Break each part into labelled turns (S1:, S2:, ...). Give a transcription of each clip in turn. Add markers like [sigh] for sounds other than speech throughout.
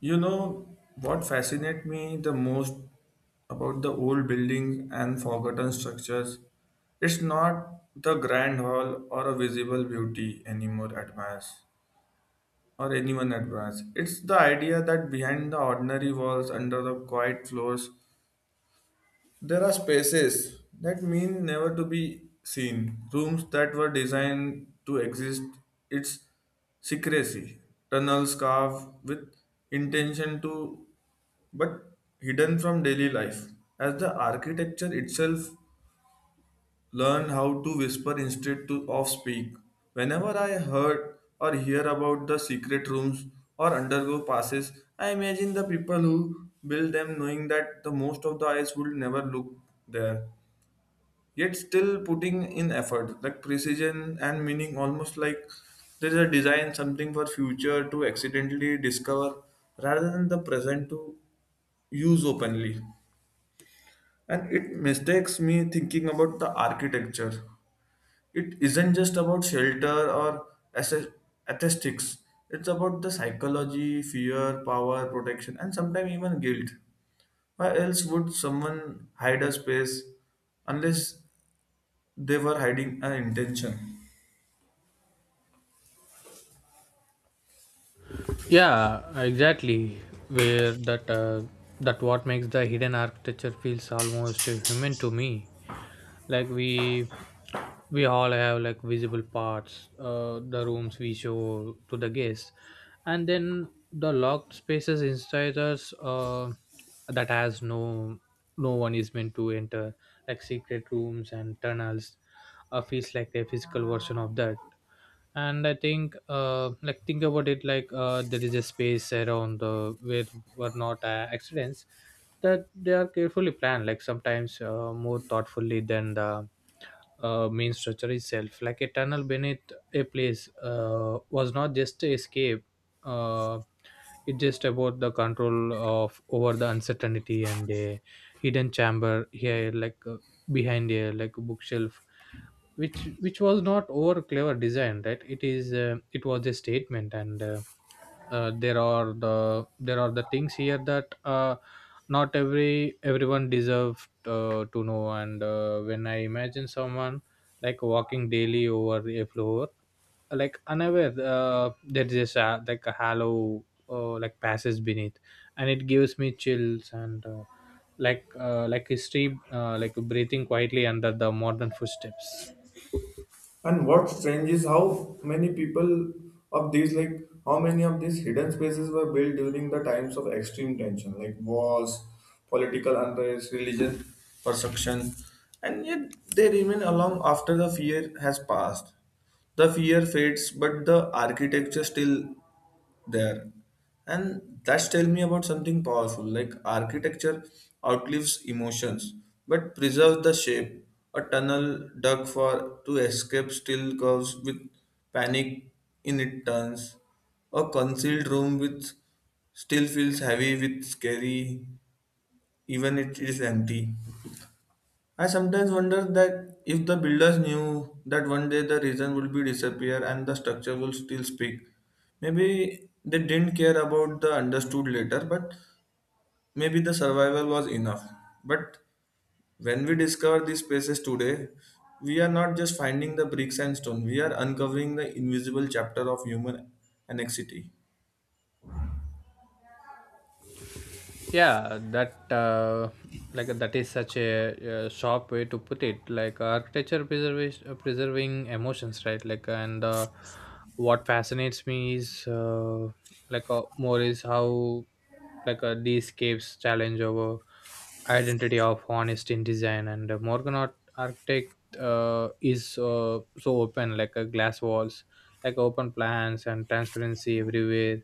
S1: You know what fascinates me the most about the old buildings and forgotten structures? It's not the grand hall or a visible beauty anymore admires or anyone admires. It's the idea that behind the ordinary walls, under the quiet floors, there are spaces that mean never to be seen, rooms that were designed to exist, its secrecy, tunnels carved with intention to but hidden from daily life. As the architecture itself learned how to whisper instead to of speak. Whenever I heard or hear about the secret rooms or undergo passes, I imagine the people who built them knowing that the most of the eyes would never look there yet still putting in effort like precision and meaning almost like there is a design something for future to accidentally discover rather than the present to use openly, and it mistakes me thinking about the architecture. It isn't just about shelter or asse- aesthetics. It's about the psychology fear power protection and sometimes even guilt. Why else would someone hide a space unless they were hiding an intention?
S2: Yeah, exactly. where that That what makes the hidden architecture feels almost human to me. Like we all have like visible parts, the rooms we show to the guests, and then the locked spaces inside us that has no one is meant to enter. Like secret rooms and tunnels feels like a physical version of that. And I think like think about it like there is a space around the where were not accidents, that they are carefully planned, like sometimes more thoughtfully than the main structure itself. Like a tunnel beneath a place was not just a escape. uh, it's just about the control of over the uncertainty. And a hidden chamber here, behind a like bookshelf, which was not over clever design, right? It is it was a statement. And There are the there are the things here that not everyone deserved to know. And when I imagine someone like walking daily over a floor, like unaware there's like a hollow like passes beneath, and it gives me chills. And Like like history like breathing quietly under the modern footsteps.
S1: And what's strange is how many people of these, like, how many of these hidden spaces were built during the times of extreme tension, like wars, political unrest, religion, persecution, and yet they remain along after the fear has passed. The fear fades, but the architecture still there, and that's tell me about something powerful like architecture outlives emotions but preserves the shape. A tunnel dug for to escape still curves with panic in its turns. A concealed room which still feels heavy with scary even it is empty. I sometimes wonder that if the builders knew that one day the region would be disappear and the structure will still speak, maybe they didn't care about the understood later, but maybe the survival was enough. But when we discover these spaces today, we are not just finding the bricks and stone, we are uncovering the invisible chapter of human annexity.
S2: Yeah that Like that is such a, sharp way to put it. Like architecture preservation, preserving emotions, right? like and What fascinates me is more is how these caves challenge over identity of honest in design. And morgan architect is so open, like glass walls, like open plans, and transparency everywhere,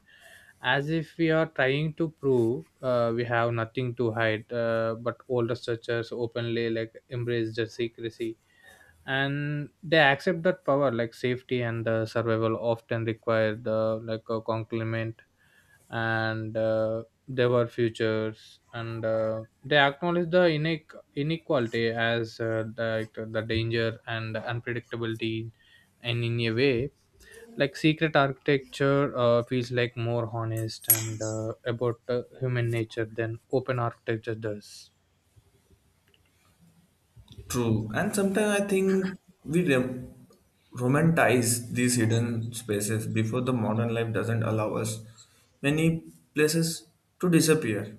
S2: as if we are trying to prove we have nothing to hide, but all researchers openly like embrace the secrecy, and they accept that power like safety and survival often require the like a complement. And There futures, and they acknowledge the inequality as the danger and unpredictability. And in a way, like secret architecture feels like more honest, and about human nature than open architecture does.
S1: True, and sometimes I think we rom- romanticize these hidden spaces before the modern life doesn't allow us many places to disappear.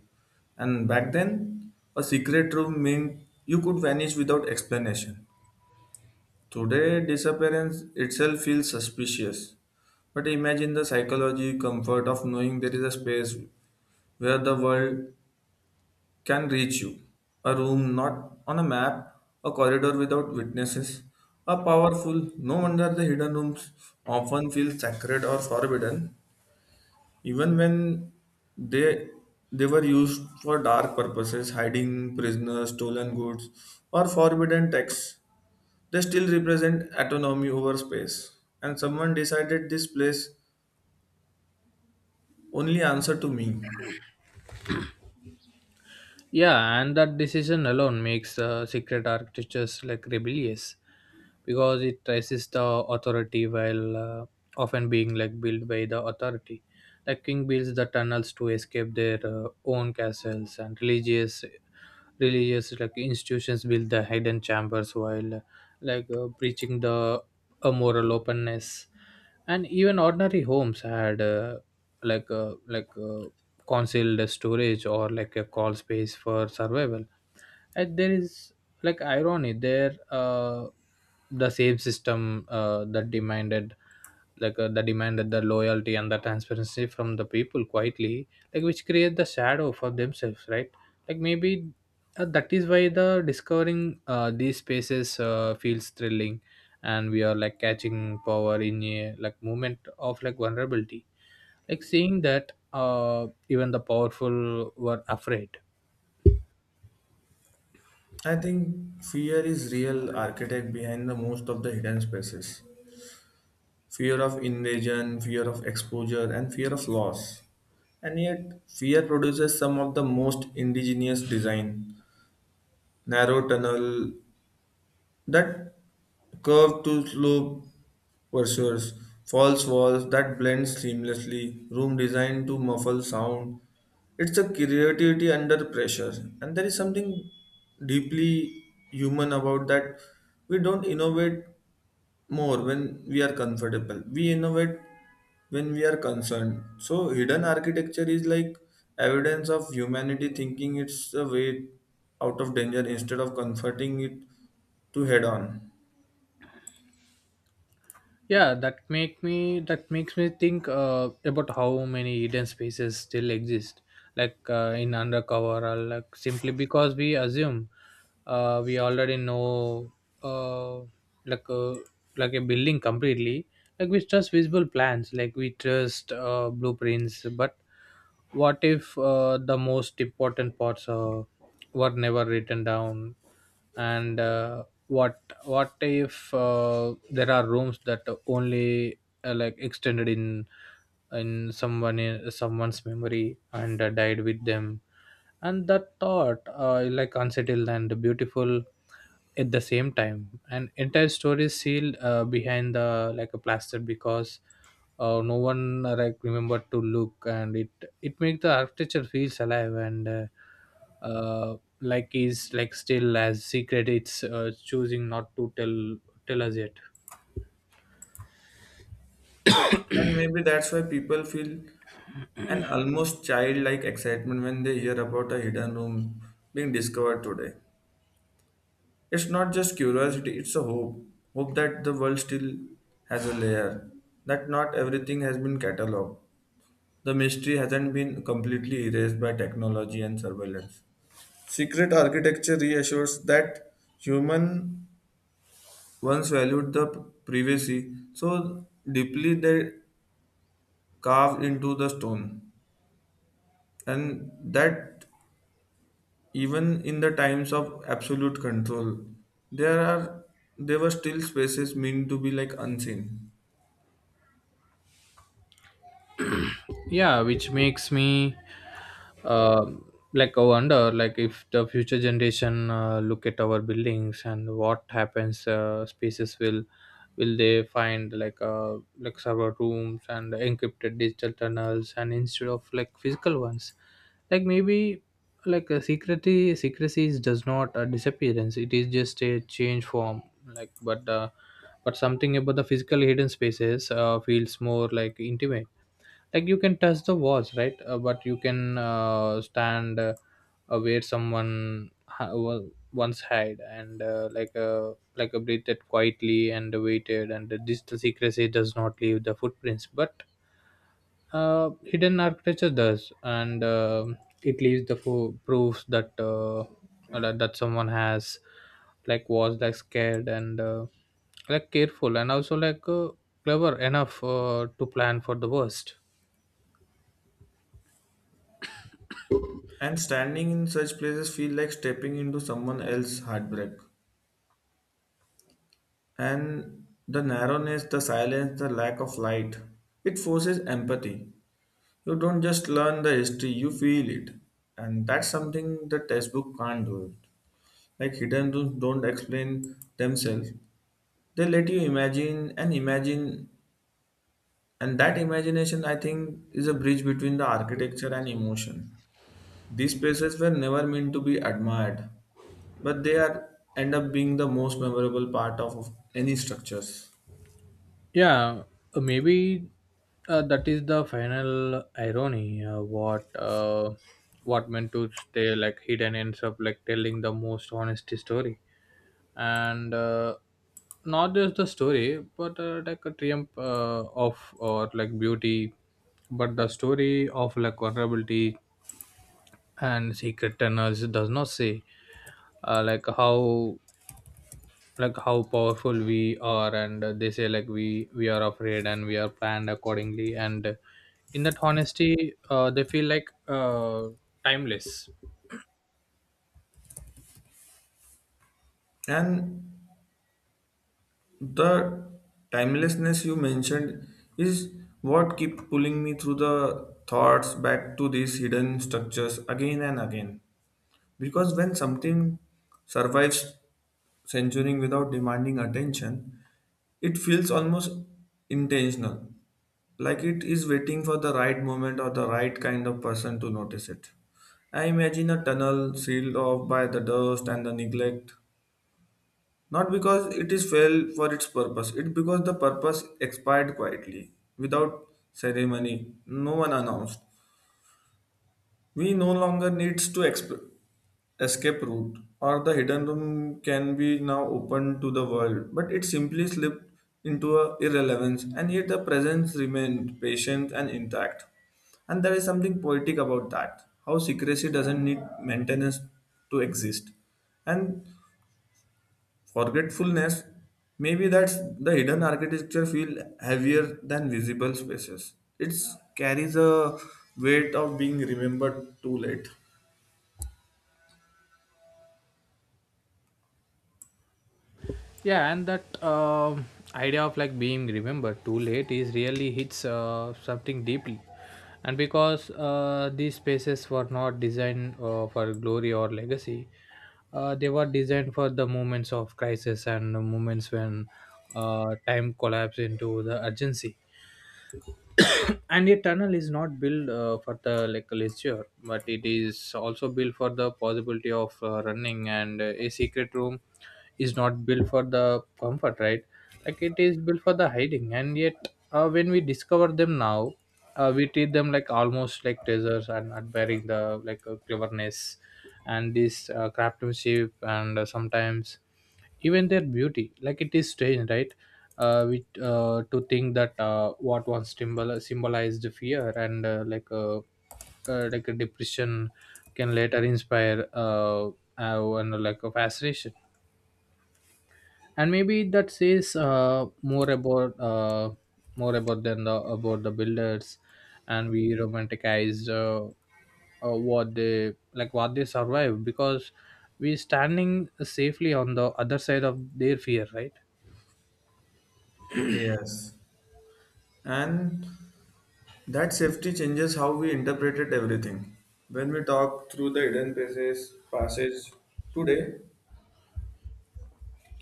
S1: And back then, a secret room meant you could vanish without explanation. Today, disappearance itself feels suspicious. But imagine the psychology comfort of knowing there is a space where the world can reach you. A room not on a map, a corridor without witnesses, a powerful, no wonder the hidden rooms often feel sacred or forbidden, even when they they were used for dark purposes, hiding prisoners, stolen goods, or forbidden texts. They still represent autonomy over space. And someone decided this place only answer to me.
S2: Yeah, and that decision alone makes secret architectures like rebellious, because it resists the authority while often being like built by the authority. Like king builds the tunnels to escape their own castles, and religious like institutions build the hidden chambers while preaching the a moral openness. And even ordinary homes had like uh, like uh, concealed storage or like a call space for survival. And there is like irony there, the same system that demanded that demanded the loyalty and the transparency from the people quietly, like which create the shadow for themselves, right? Like maybe that is why the discovering these spaces feels thrilling, and we are like catching power in a like moment of like vulnerability, like seeing that even the powerful were afraid.
S1: I think fear is real architect behind the most of the hidden spaces. Fear of invasion, fear of exposure, and fear of loss. And yet, fear produces some of the most indigenous design. Narrow tunnel that curve to slope pursuers, false walls that blend seamlessly, room designed to muffle sound. It's a creativity under pressure, and there is something deeply human about that. We don't innovate more when we are comfortable. We innovate when we are concerned. So, hidden architecture is like evidence of humanity thinking it's a way out of danger instead of confronting it to head on.
S2: Yeah, that makes me think about how many hidden spaces still exist, like in undercover, or like simply because we assume we already know uh, like a, like a building completely. Like we trust visible plans, like we trust blueprints, but what if the most important parts were never written down? And what if there are rooms that only like extended in someone in someone's memory and died with them? And that thought like unsettled and beautiful at the same time, and entire story is sealed behind the like a plaster because no one like remembered to look. And it makes the architecture feels alive, and uh, like is like still as secret. It's choosing not to tell us yet.
S1: And maybe that's why people feel an almost childlike excitement when they hear about a hidden room being discovered today. It's not just curiosity, it's a hope. Hope that the world still has a layer, that not everything has been catalogued. The mystery hasn't been completely erased by technology and surveillance. Secret architecture reassures that human once valued the privacy so deeply they carved into the stone, and that even in the times of absolute control, there are there were still spaces meant to be like unseen.
S2: Yeah, which makes me uh, like I wonder, like if the future generation look at our buildings and what happens spaces, will they find like server rooms and encrypted digital tunnels, and instead of like physical ones? Like maybe like a secrecy is- does not a disappearance, it is just a change form. like but uh, but something about the physical hidden spaces feels more like intimate. Like you can touch the walls, right? But you can stand where someone once hid, and like a breathed quietly and waited. And the digital secrecy does not leave the footprints, but hidden architecture does. And It leaves the proofs that that someone has like was like scared, and like careful, and also clever enough to plan for the worst.
S1: And standing in such places feel like stepping into someone else's heartbreak. And the narrowness, the silence, the lack of light. It forces empathy. You don't just learn the history, you feel it. And that's something the textbook can't do. It like hidden rooms don't explain themselves. They let you imagine and imagine, and that imagination I think is a bridge between the architecture and emotion. These places were never meant to be admired, but they are end up being the most memorable part of any structures.
S2: Yeah, maybe that is the final irony. What meant to stay like hidden ends up like telling the most honest story. And Not just the story, but like a triumph of or like beauty, but the story of like vulnerability. And secret tunnels does not say uh, like how how powerful we are, and they say like we are afraid and we are planned accordingly. And In that honesty they feel like timeless.
S1: And the timelessness you mentioned is what kept pulling me through the thoughts back to these hidden structures again and again, because when something survives censoring without demanding attention it feels almost intentional, like it is waiting for the right moment or the right kind of person to notice it. I imagine a tunnel sealed off by the dust and the neglect, not because it is failed for its purpose, it because the purpose expired quietly, without ceremony, no one announced. We no longer needs to escape route, or the hidden room can be now open to the world, but it simply slipped into a irrelevance, and yet the presence remained patient and intact. And there is something poetic about that, how secrecy doesn't need maintenance to exist. And forgetfulness, maybe that's the hidden architecture feel heavier than visible spaces. It carries a weight of being remembered too late.
S2: Yeah and that Idea of like being remembered too late is really hits something deeply, and because these spaces were not designed for glory or legacy. They were designed for the moments of crisis, and the moments when time collapsed into the urgency. [coughs] And a tunnel is not built for the like leisure, but it is also built for the possibility of running. And A secret room is not built for the comfort, right? Like it is built for the hiding. And yet when we discover them now, we treat them like almost like treasures, and admiring the cleverness and this craftsmanship and sometimes even their beauty. Like it is strange, right? To think that what once symbolized fear and like a depression can later inspire and like a fascination. And maybe that says more about than the about the builders, and we romanticized what they like what they survive because we standing safely on the other side of their fear, right?
S1: Yes. And that safety changes how we interpreted everything. When we talk through the hidden passes passage today,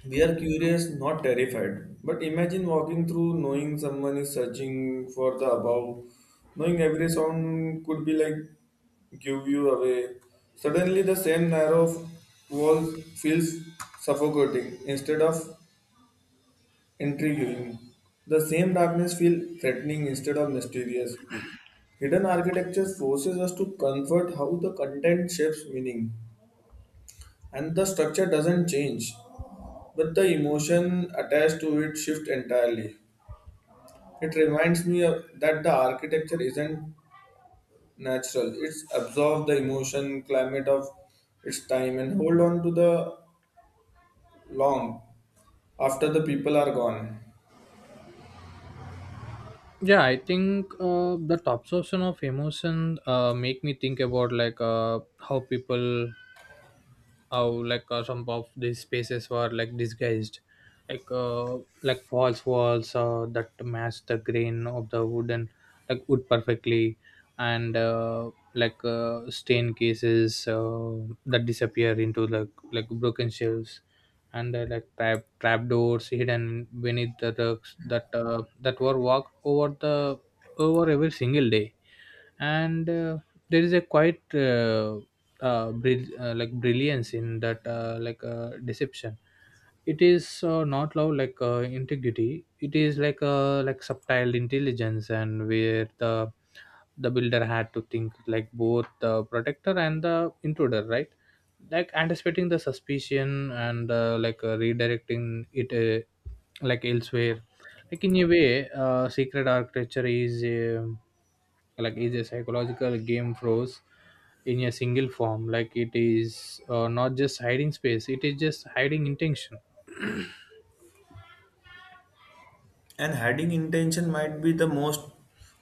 S1: we are curious, not terrified. But imagine walking through knowing someone is searching for the above. Knowing every sound could be like give you away. Suddenly the same narrow wall feels suffocating instead of intriguing. The same darkness feels threatening instead of mysterious. Hidden architecture forces us to comfort how the content shapes meaning and the structure doesn't change, but the emotion attached to it shift entirely. It reminds me of, that the architecture isn't natural. It's absorbed the emotion, climate of its time, and hold on to the long after the people are gone.
S2: Yeah, I think the absorption of emotion make me think about like how people how like some of these spaces were like disguised, like false walls that match the grain of the wooden like wood perfectly, and stain cases that disappear into the like broken shelves, and trap doors hidden beneath the rugs that that were walked over the over every single day. And There is a quite like brilliance in that, deception. It is not love like integrity, it is like subtle intelligence, and where the builder had to think like both the protector and the intruder, right? Like anticipating the suspicion, and redirecting it like elsewhere. Like in a way secret architecture like is a psychological game froze in a single form. Like it is not just hiding space, it is just hiding intention.
S1: And hiding intention might be the most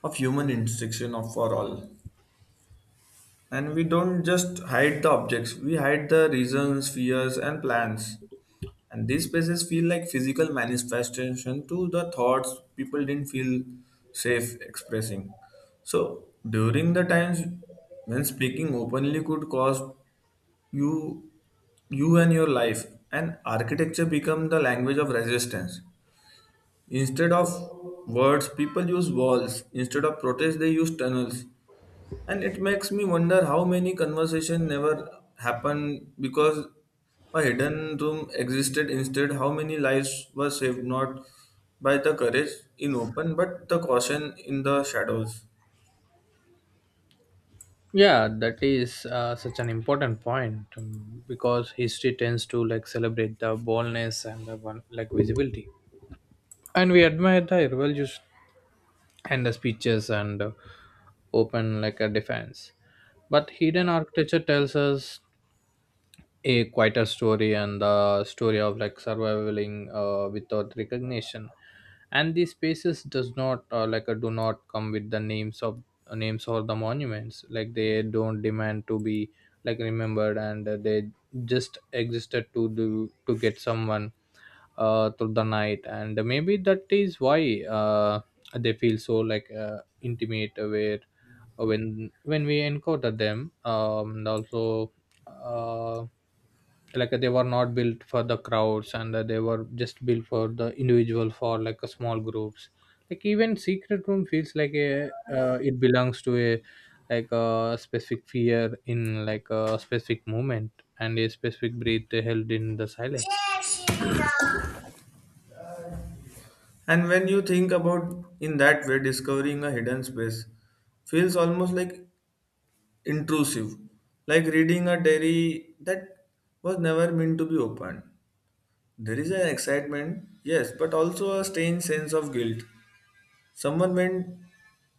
S1: of human instruction of for all. And we don't just hide the objects; we hide the reasons, fears, and plans. And these spaces feel like physical manifestation to the thoughts people didn't feel safe expressing. So during the times when speaking openly could cause you you and your life, and architecture become the language of resistance. Instead of words, people use walls. Instead of protests, they use tunnels. And it makes me wonder how many conversation never happened because a hidden room existed. Instead, how many lives were saved not by the courage in open, but the caution in the shadows.
S2: Yeah, that is such an important point, because history tends to like celebrate the boldness and the one, like visibility, and we admire the revolution and the speeches and open like a defense. But hidden architecture tells us a quieter story, and the story of like surviving without recognition. And these spaces does not do not come with the names of names or the monuments. Like they don't demand to be like remembered, and they just existed to do to get someone through the night. And maybe that is why they feel so intimate, where when we encounter them. And also uh, like they were not built for the crowds, and they were just built for the individual, for like a small groups. Like even secret room feels like a it belongs to a like a specific fear, in like a specific moment, and a specific breath held in the silence.
S1: And when you think about in that way, discovering a hidden space feels almost like intrusive, like reading a diary that was never meant to be opened. There is an excitement, yes, but also a strange sense of guilt. Someone went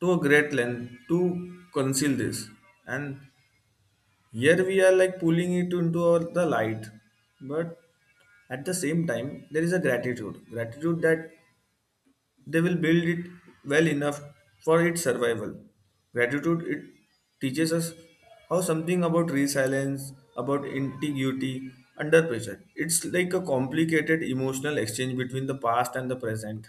S1: to a great length to conceal this, and here we are like pulling it into the light. But at the same time, there is a gratitude that they will build it well enough for its survival. Gratitude it teaches us how something about resilience, about integrity under pressure. It's like a complicated emotional exchange between the past and the present.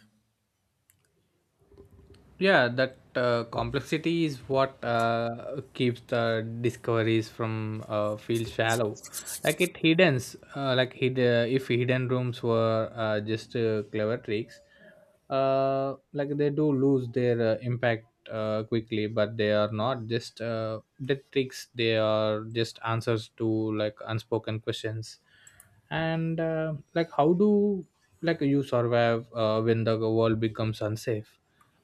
S2: Yeah, that complexity is what keeps the discoveries from feel shallow. Like it hidden like hid, If hidden rooms were just clever tricks, like they do lose their impact quickly. But they are not just the tricks, they are just answers to like unspoken questions. And Like how do like you survive when the world becomes unsafe?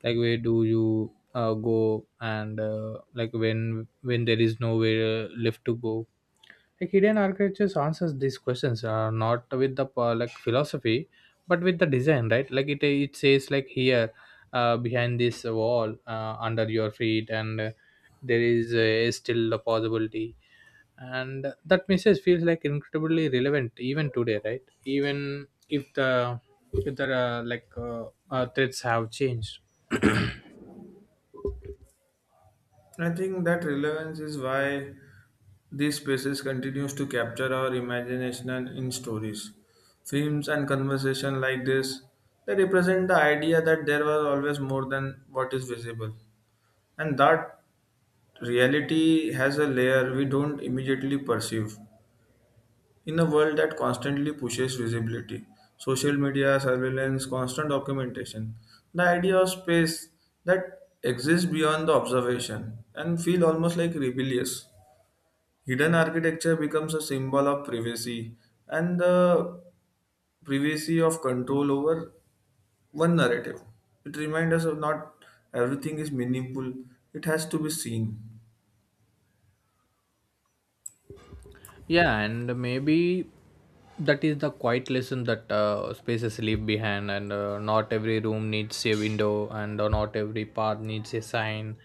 S2: Like where do you go, and like when there is nowhere Left to go, like hidden architectures answers these questions, not with the philosophy but with the design, right? It says, like, here, behind this wall, under your feet, and there is, still the possibility. And that message feels, like, incredibly relevant even today, right? Even if the, if the threats have changed. [clears throat]
S1: I think that relevance is why these spaces continues to capture our imagination in stories, films, and conversation like this. They represent the idea that there was always more than what is visible, and that reality has a layer we don't immediately perceive. In a world that constantly pushes visibility, social media, surveillance, constant documentation, the idea of space that exists beyond the observation and feel almost like rebellious. Hidden architecture becomes a symbol of privacy and the privacy of control over one narrative. It reminds us of not everything is meaningful, it has to be seen.
S2: Yeah, and maybe that is the quiet lesson that spaces leave behind, and not every room needs a window, and not every path needs a sign.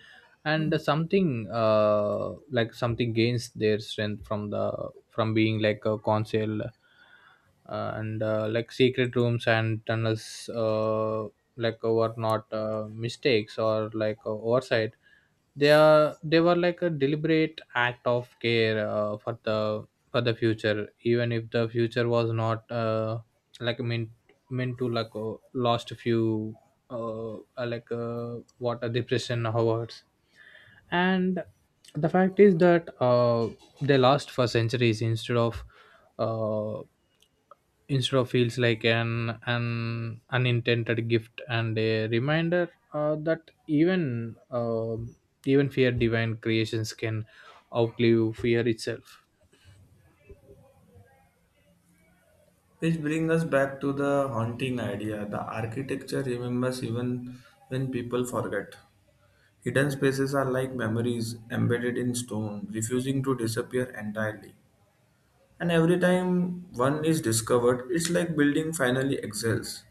S2: And something, like something gains their strength from the, from being like a council, and like secret rooms and tunnels were not, mistakes or, like, oversight. They are they were like a deliberate act of care, for the, for the future, even if the future was not, like meant to, like, lost a few what, a depression hours. And the fact is that, they last for centuries instead of, uh, instead of feels like an unintended gift and a reminder, that even even fear divine creations can outlive fear itself.
S1: Which brings us back to the haunting idea. The architecture remembers even when people forget. Hidden spaces are like memories embedded in stone, refusing to disappear entirely. And every time one is discovered, it's like building finally exhales,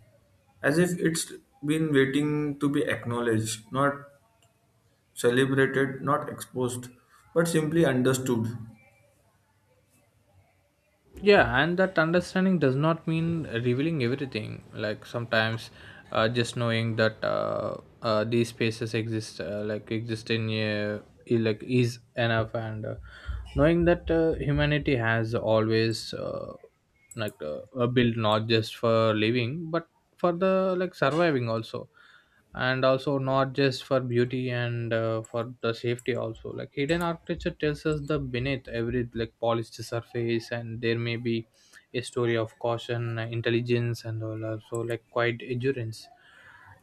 S1: as if it's been waiting to be acknowledged, not celebrated, not exposed, but simply understood.
S2: Yeah, and that understanding does not mean revealing everything. Like, sometimes, just knowing that, these spaces exist, like exist in, is enough. And knowing that, humanity has always, built not just for living but for the, like, surviving also, and also not just for beauty and for the safety also. Like, hidden architecture tells us the beneath every, like, polished surface, and there may be a story of caution, intelligence, and all, also, like, quite endurance,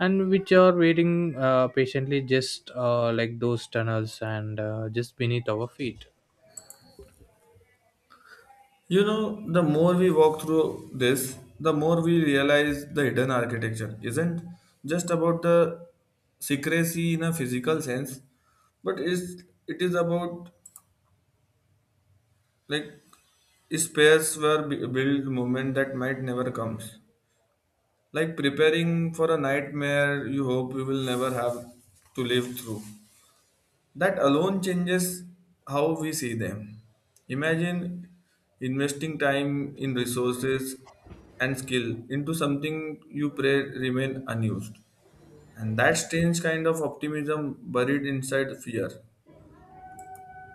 S2: and which are waiting, patiently, just, like those tunnels, and just beneath our feet.
S1: You know, the more we walk through this, the more we realize the hidden architecture isn't just about the secrecy in a physical sense, but is it is about like spares were built moment that might never comes. Like preparing for a nightmare you hope you will never have to live through. That alone changes how we see them. Imagine investing time in resources and skill into something you pray remain unused. And that strange kind of optimism buried inside fear.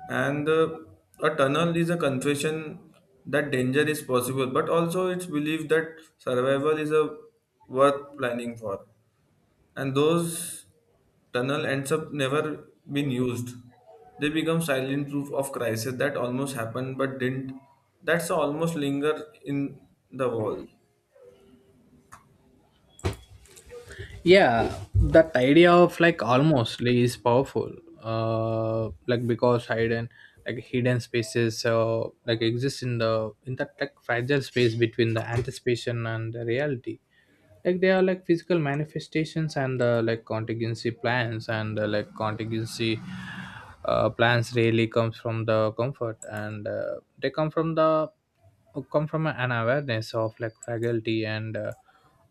S1: And A tunnel is a confession that danger is possible, but also it's belief that survival is a worth planning for, and those tunnel ends up never been used, they become silent proof of crisis that almost happened but didn't, that's almost linger in the wall.
S2: Yeah, that idea of, like, almostly is powerful, like, because hidden, like hidden spaces like exist in the, in that, like, fragile space between the anticipation and the reality. Like, they are like physical manifestations and like contingency plans, and like contingency, plans really comes from the comfort, and they come from the, come from an awareness of, like, fragility, and uh,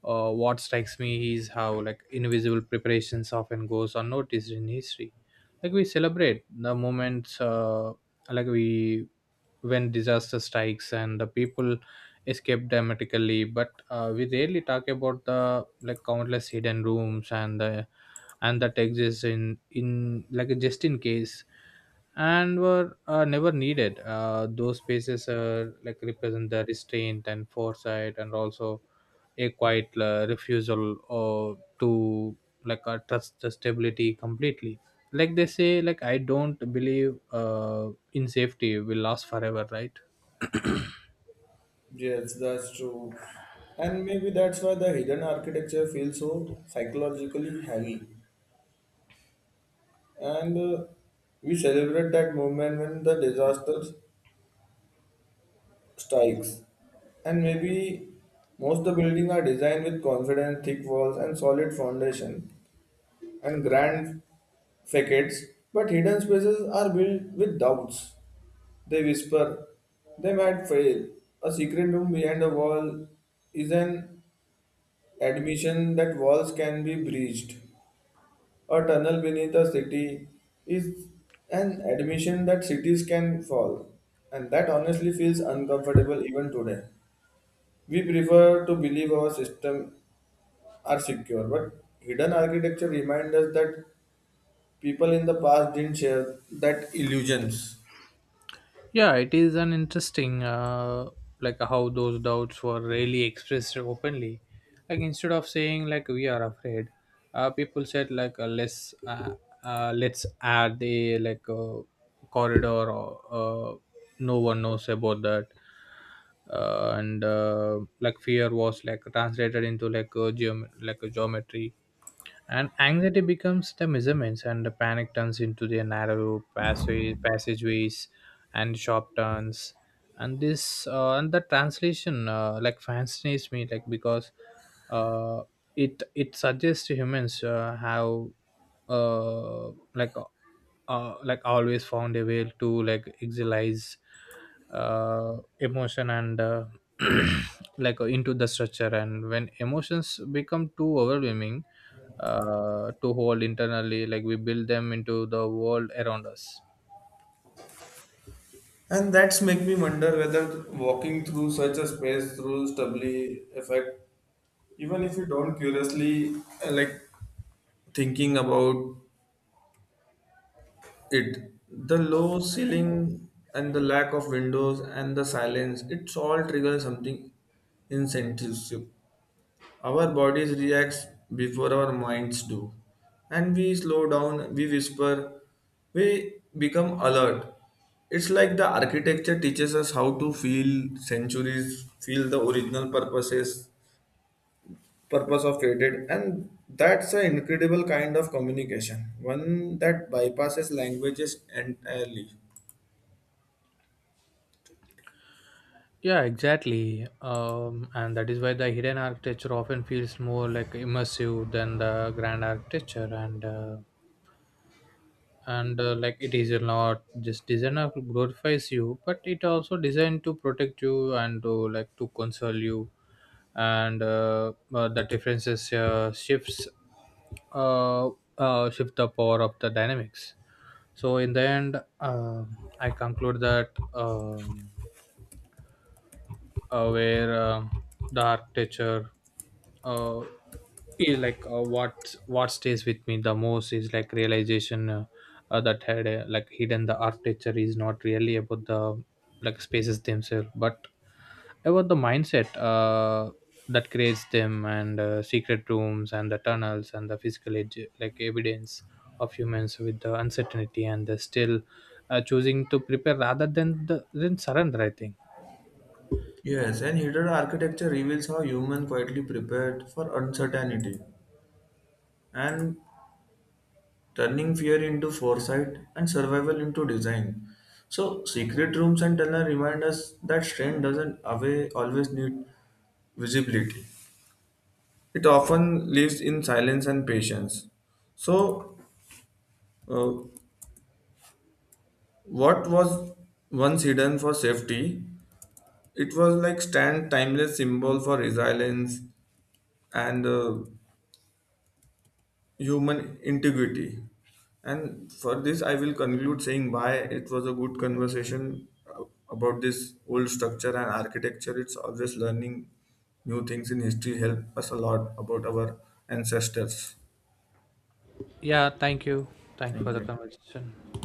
S2: uh, what strikes me is how, like, invisible preparations often goes unnoticed in history. Like, we celebrate the moments, like we, when disaster strikes and the people escape dramatically, but we rarely talk about the, like, countless hidden rooms and the, and that exists in, like, just in case, and were, never needed. Those spaces are, like, represent the restraint and foresight, and also a quiet, refusal or to, like, trust the stability completely. Like, they say, like, I don't believe, in safety will last forever, right?
S1: Yes, that's true. And maybe that's why the hidden architecture feels so psychologically heavy. And We celebrate that moment when the disaster strikes. And maybe most of the buildings are designed with confident, thick walls and solid foundation, and grand facades, but hidden spaces are built with doubts. They whisper, they might fail. A secret room behind a wall is an admission that walls can be breached. A tunnel beneath a city is an admission that cities can fall. And that honestly feels uncomfortable even today. We prefer to believe our system are secure, but hidden architecture reminds us that people in the past didn't share that illusions.
S2: Yeah, it is an interesting, how those doubts were really expressed openly. Like, instead of saying, like, we are afraid, people said, like, let's, let's add a, like a corridor, or uh, no one knows about that. And like, fear was, like, translated into like a geom-, like a geometry, and anxiety becomes the measurements, and the panic turns into the narrow passage, passageways and sharp turns. And this, and the translation, like fascinates me, like because, uh, it suggests to humans, how uh, like always found a way to, like, exilize, emotion, and [clears throat] like, into the structure. And when emotions become too overwhelming, to hold internally, like, we build them into the world around us.
S1: And that's make me wonder whether walking through such a space through stubbly effect, even if you don't curiously, like thinking about it, the low ceiling and the lack of windows and the silence it's all triggers something insensitive. Our bodies react before our minds do. And we slow down, we whisper, we become alert. It's like the architecture teaches us how to feel centuries, feel the original purpose of created, and that's an incredible kind of communication, one that bypasses languages entirely.
S2: Yeah, exactly. And that is why the hidden architecture often feels more, like, immersive than the grand architecture, and and like, it is not just designer who glorifies you, but it also designed to protect you and to, like, to console you. And the differences, shifts, uh, shift the power of the dynamics. So in the end, I conclude that, where, the architecture, uh, is like, what stays with me the most is, like, realization, that had, like hidden the architecture is not really about the, like, spaces themselves, but about the mindset, that creates them. And secret rooms and the tunnels and the physical edu-, like, evidence of humans with the uncertainty and the still, choosing to prepare rather than the, than surrender, I think.
S1: Yes, and hidden architecture reveals how human quietly prepared for uncertainty and turning fear into foresight and survival into design. So, secret rooms and tunnel remind us that strength doesn't away, always need visibility. It often lives in silence and patience. So, uh, what was once hidden for safety, it was like stand timeless symbol for resilience and human integrity. And for this, I will conclude saying why it was a good conversation about this old structure and architecture. It's always learning new things in history help us a lot about our ancestors.
S2: Yeah, thank you. Thanks for
S1: Thank
S2: the
S1: you.
S2: conversation.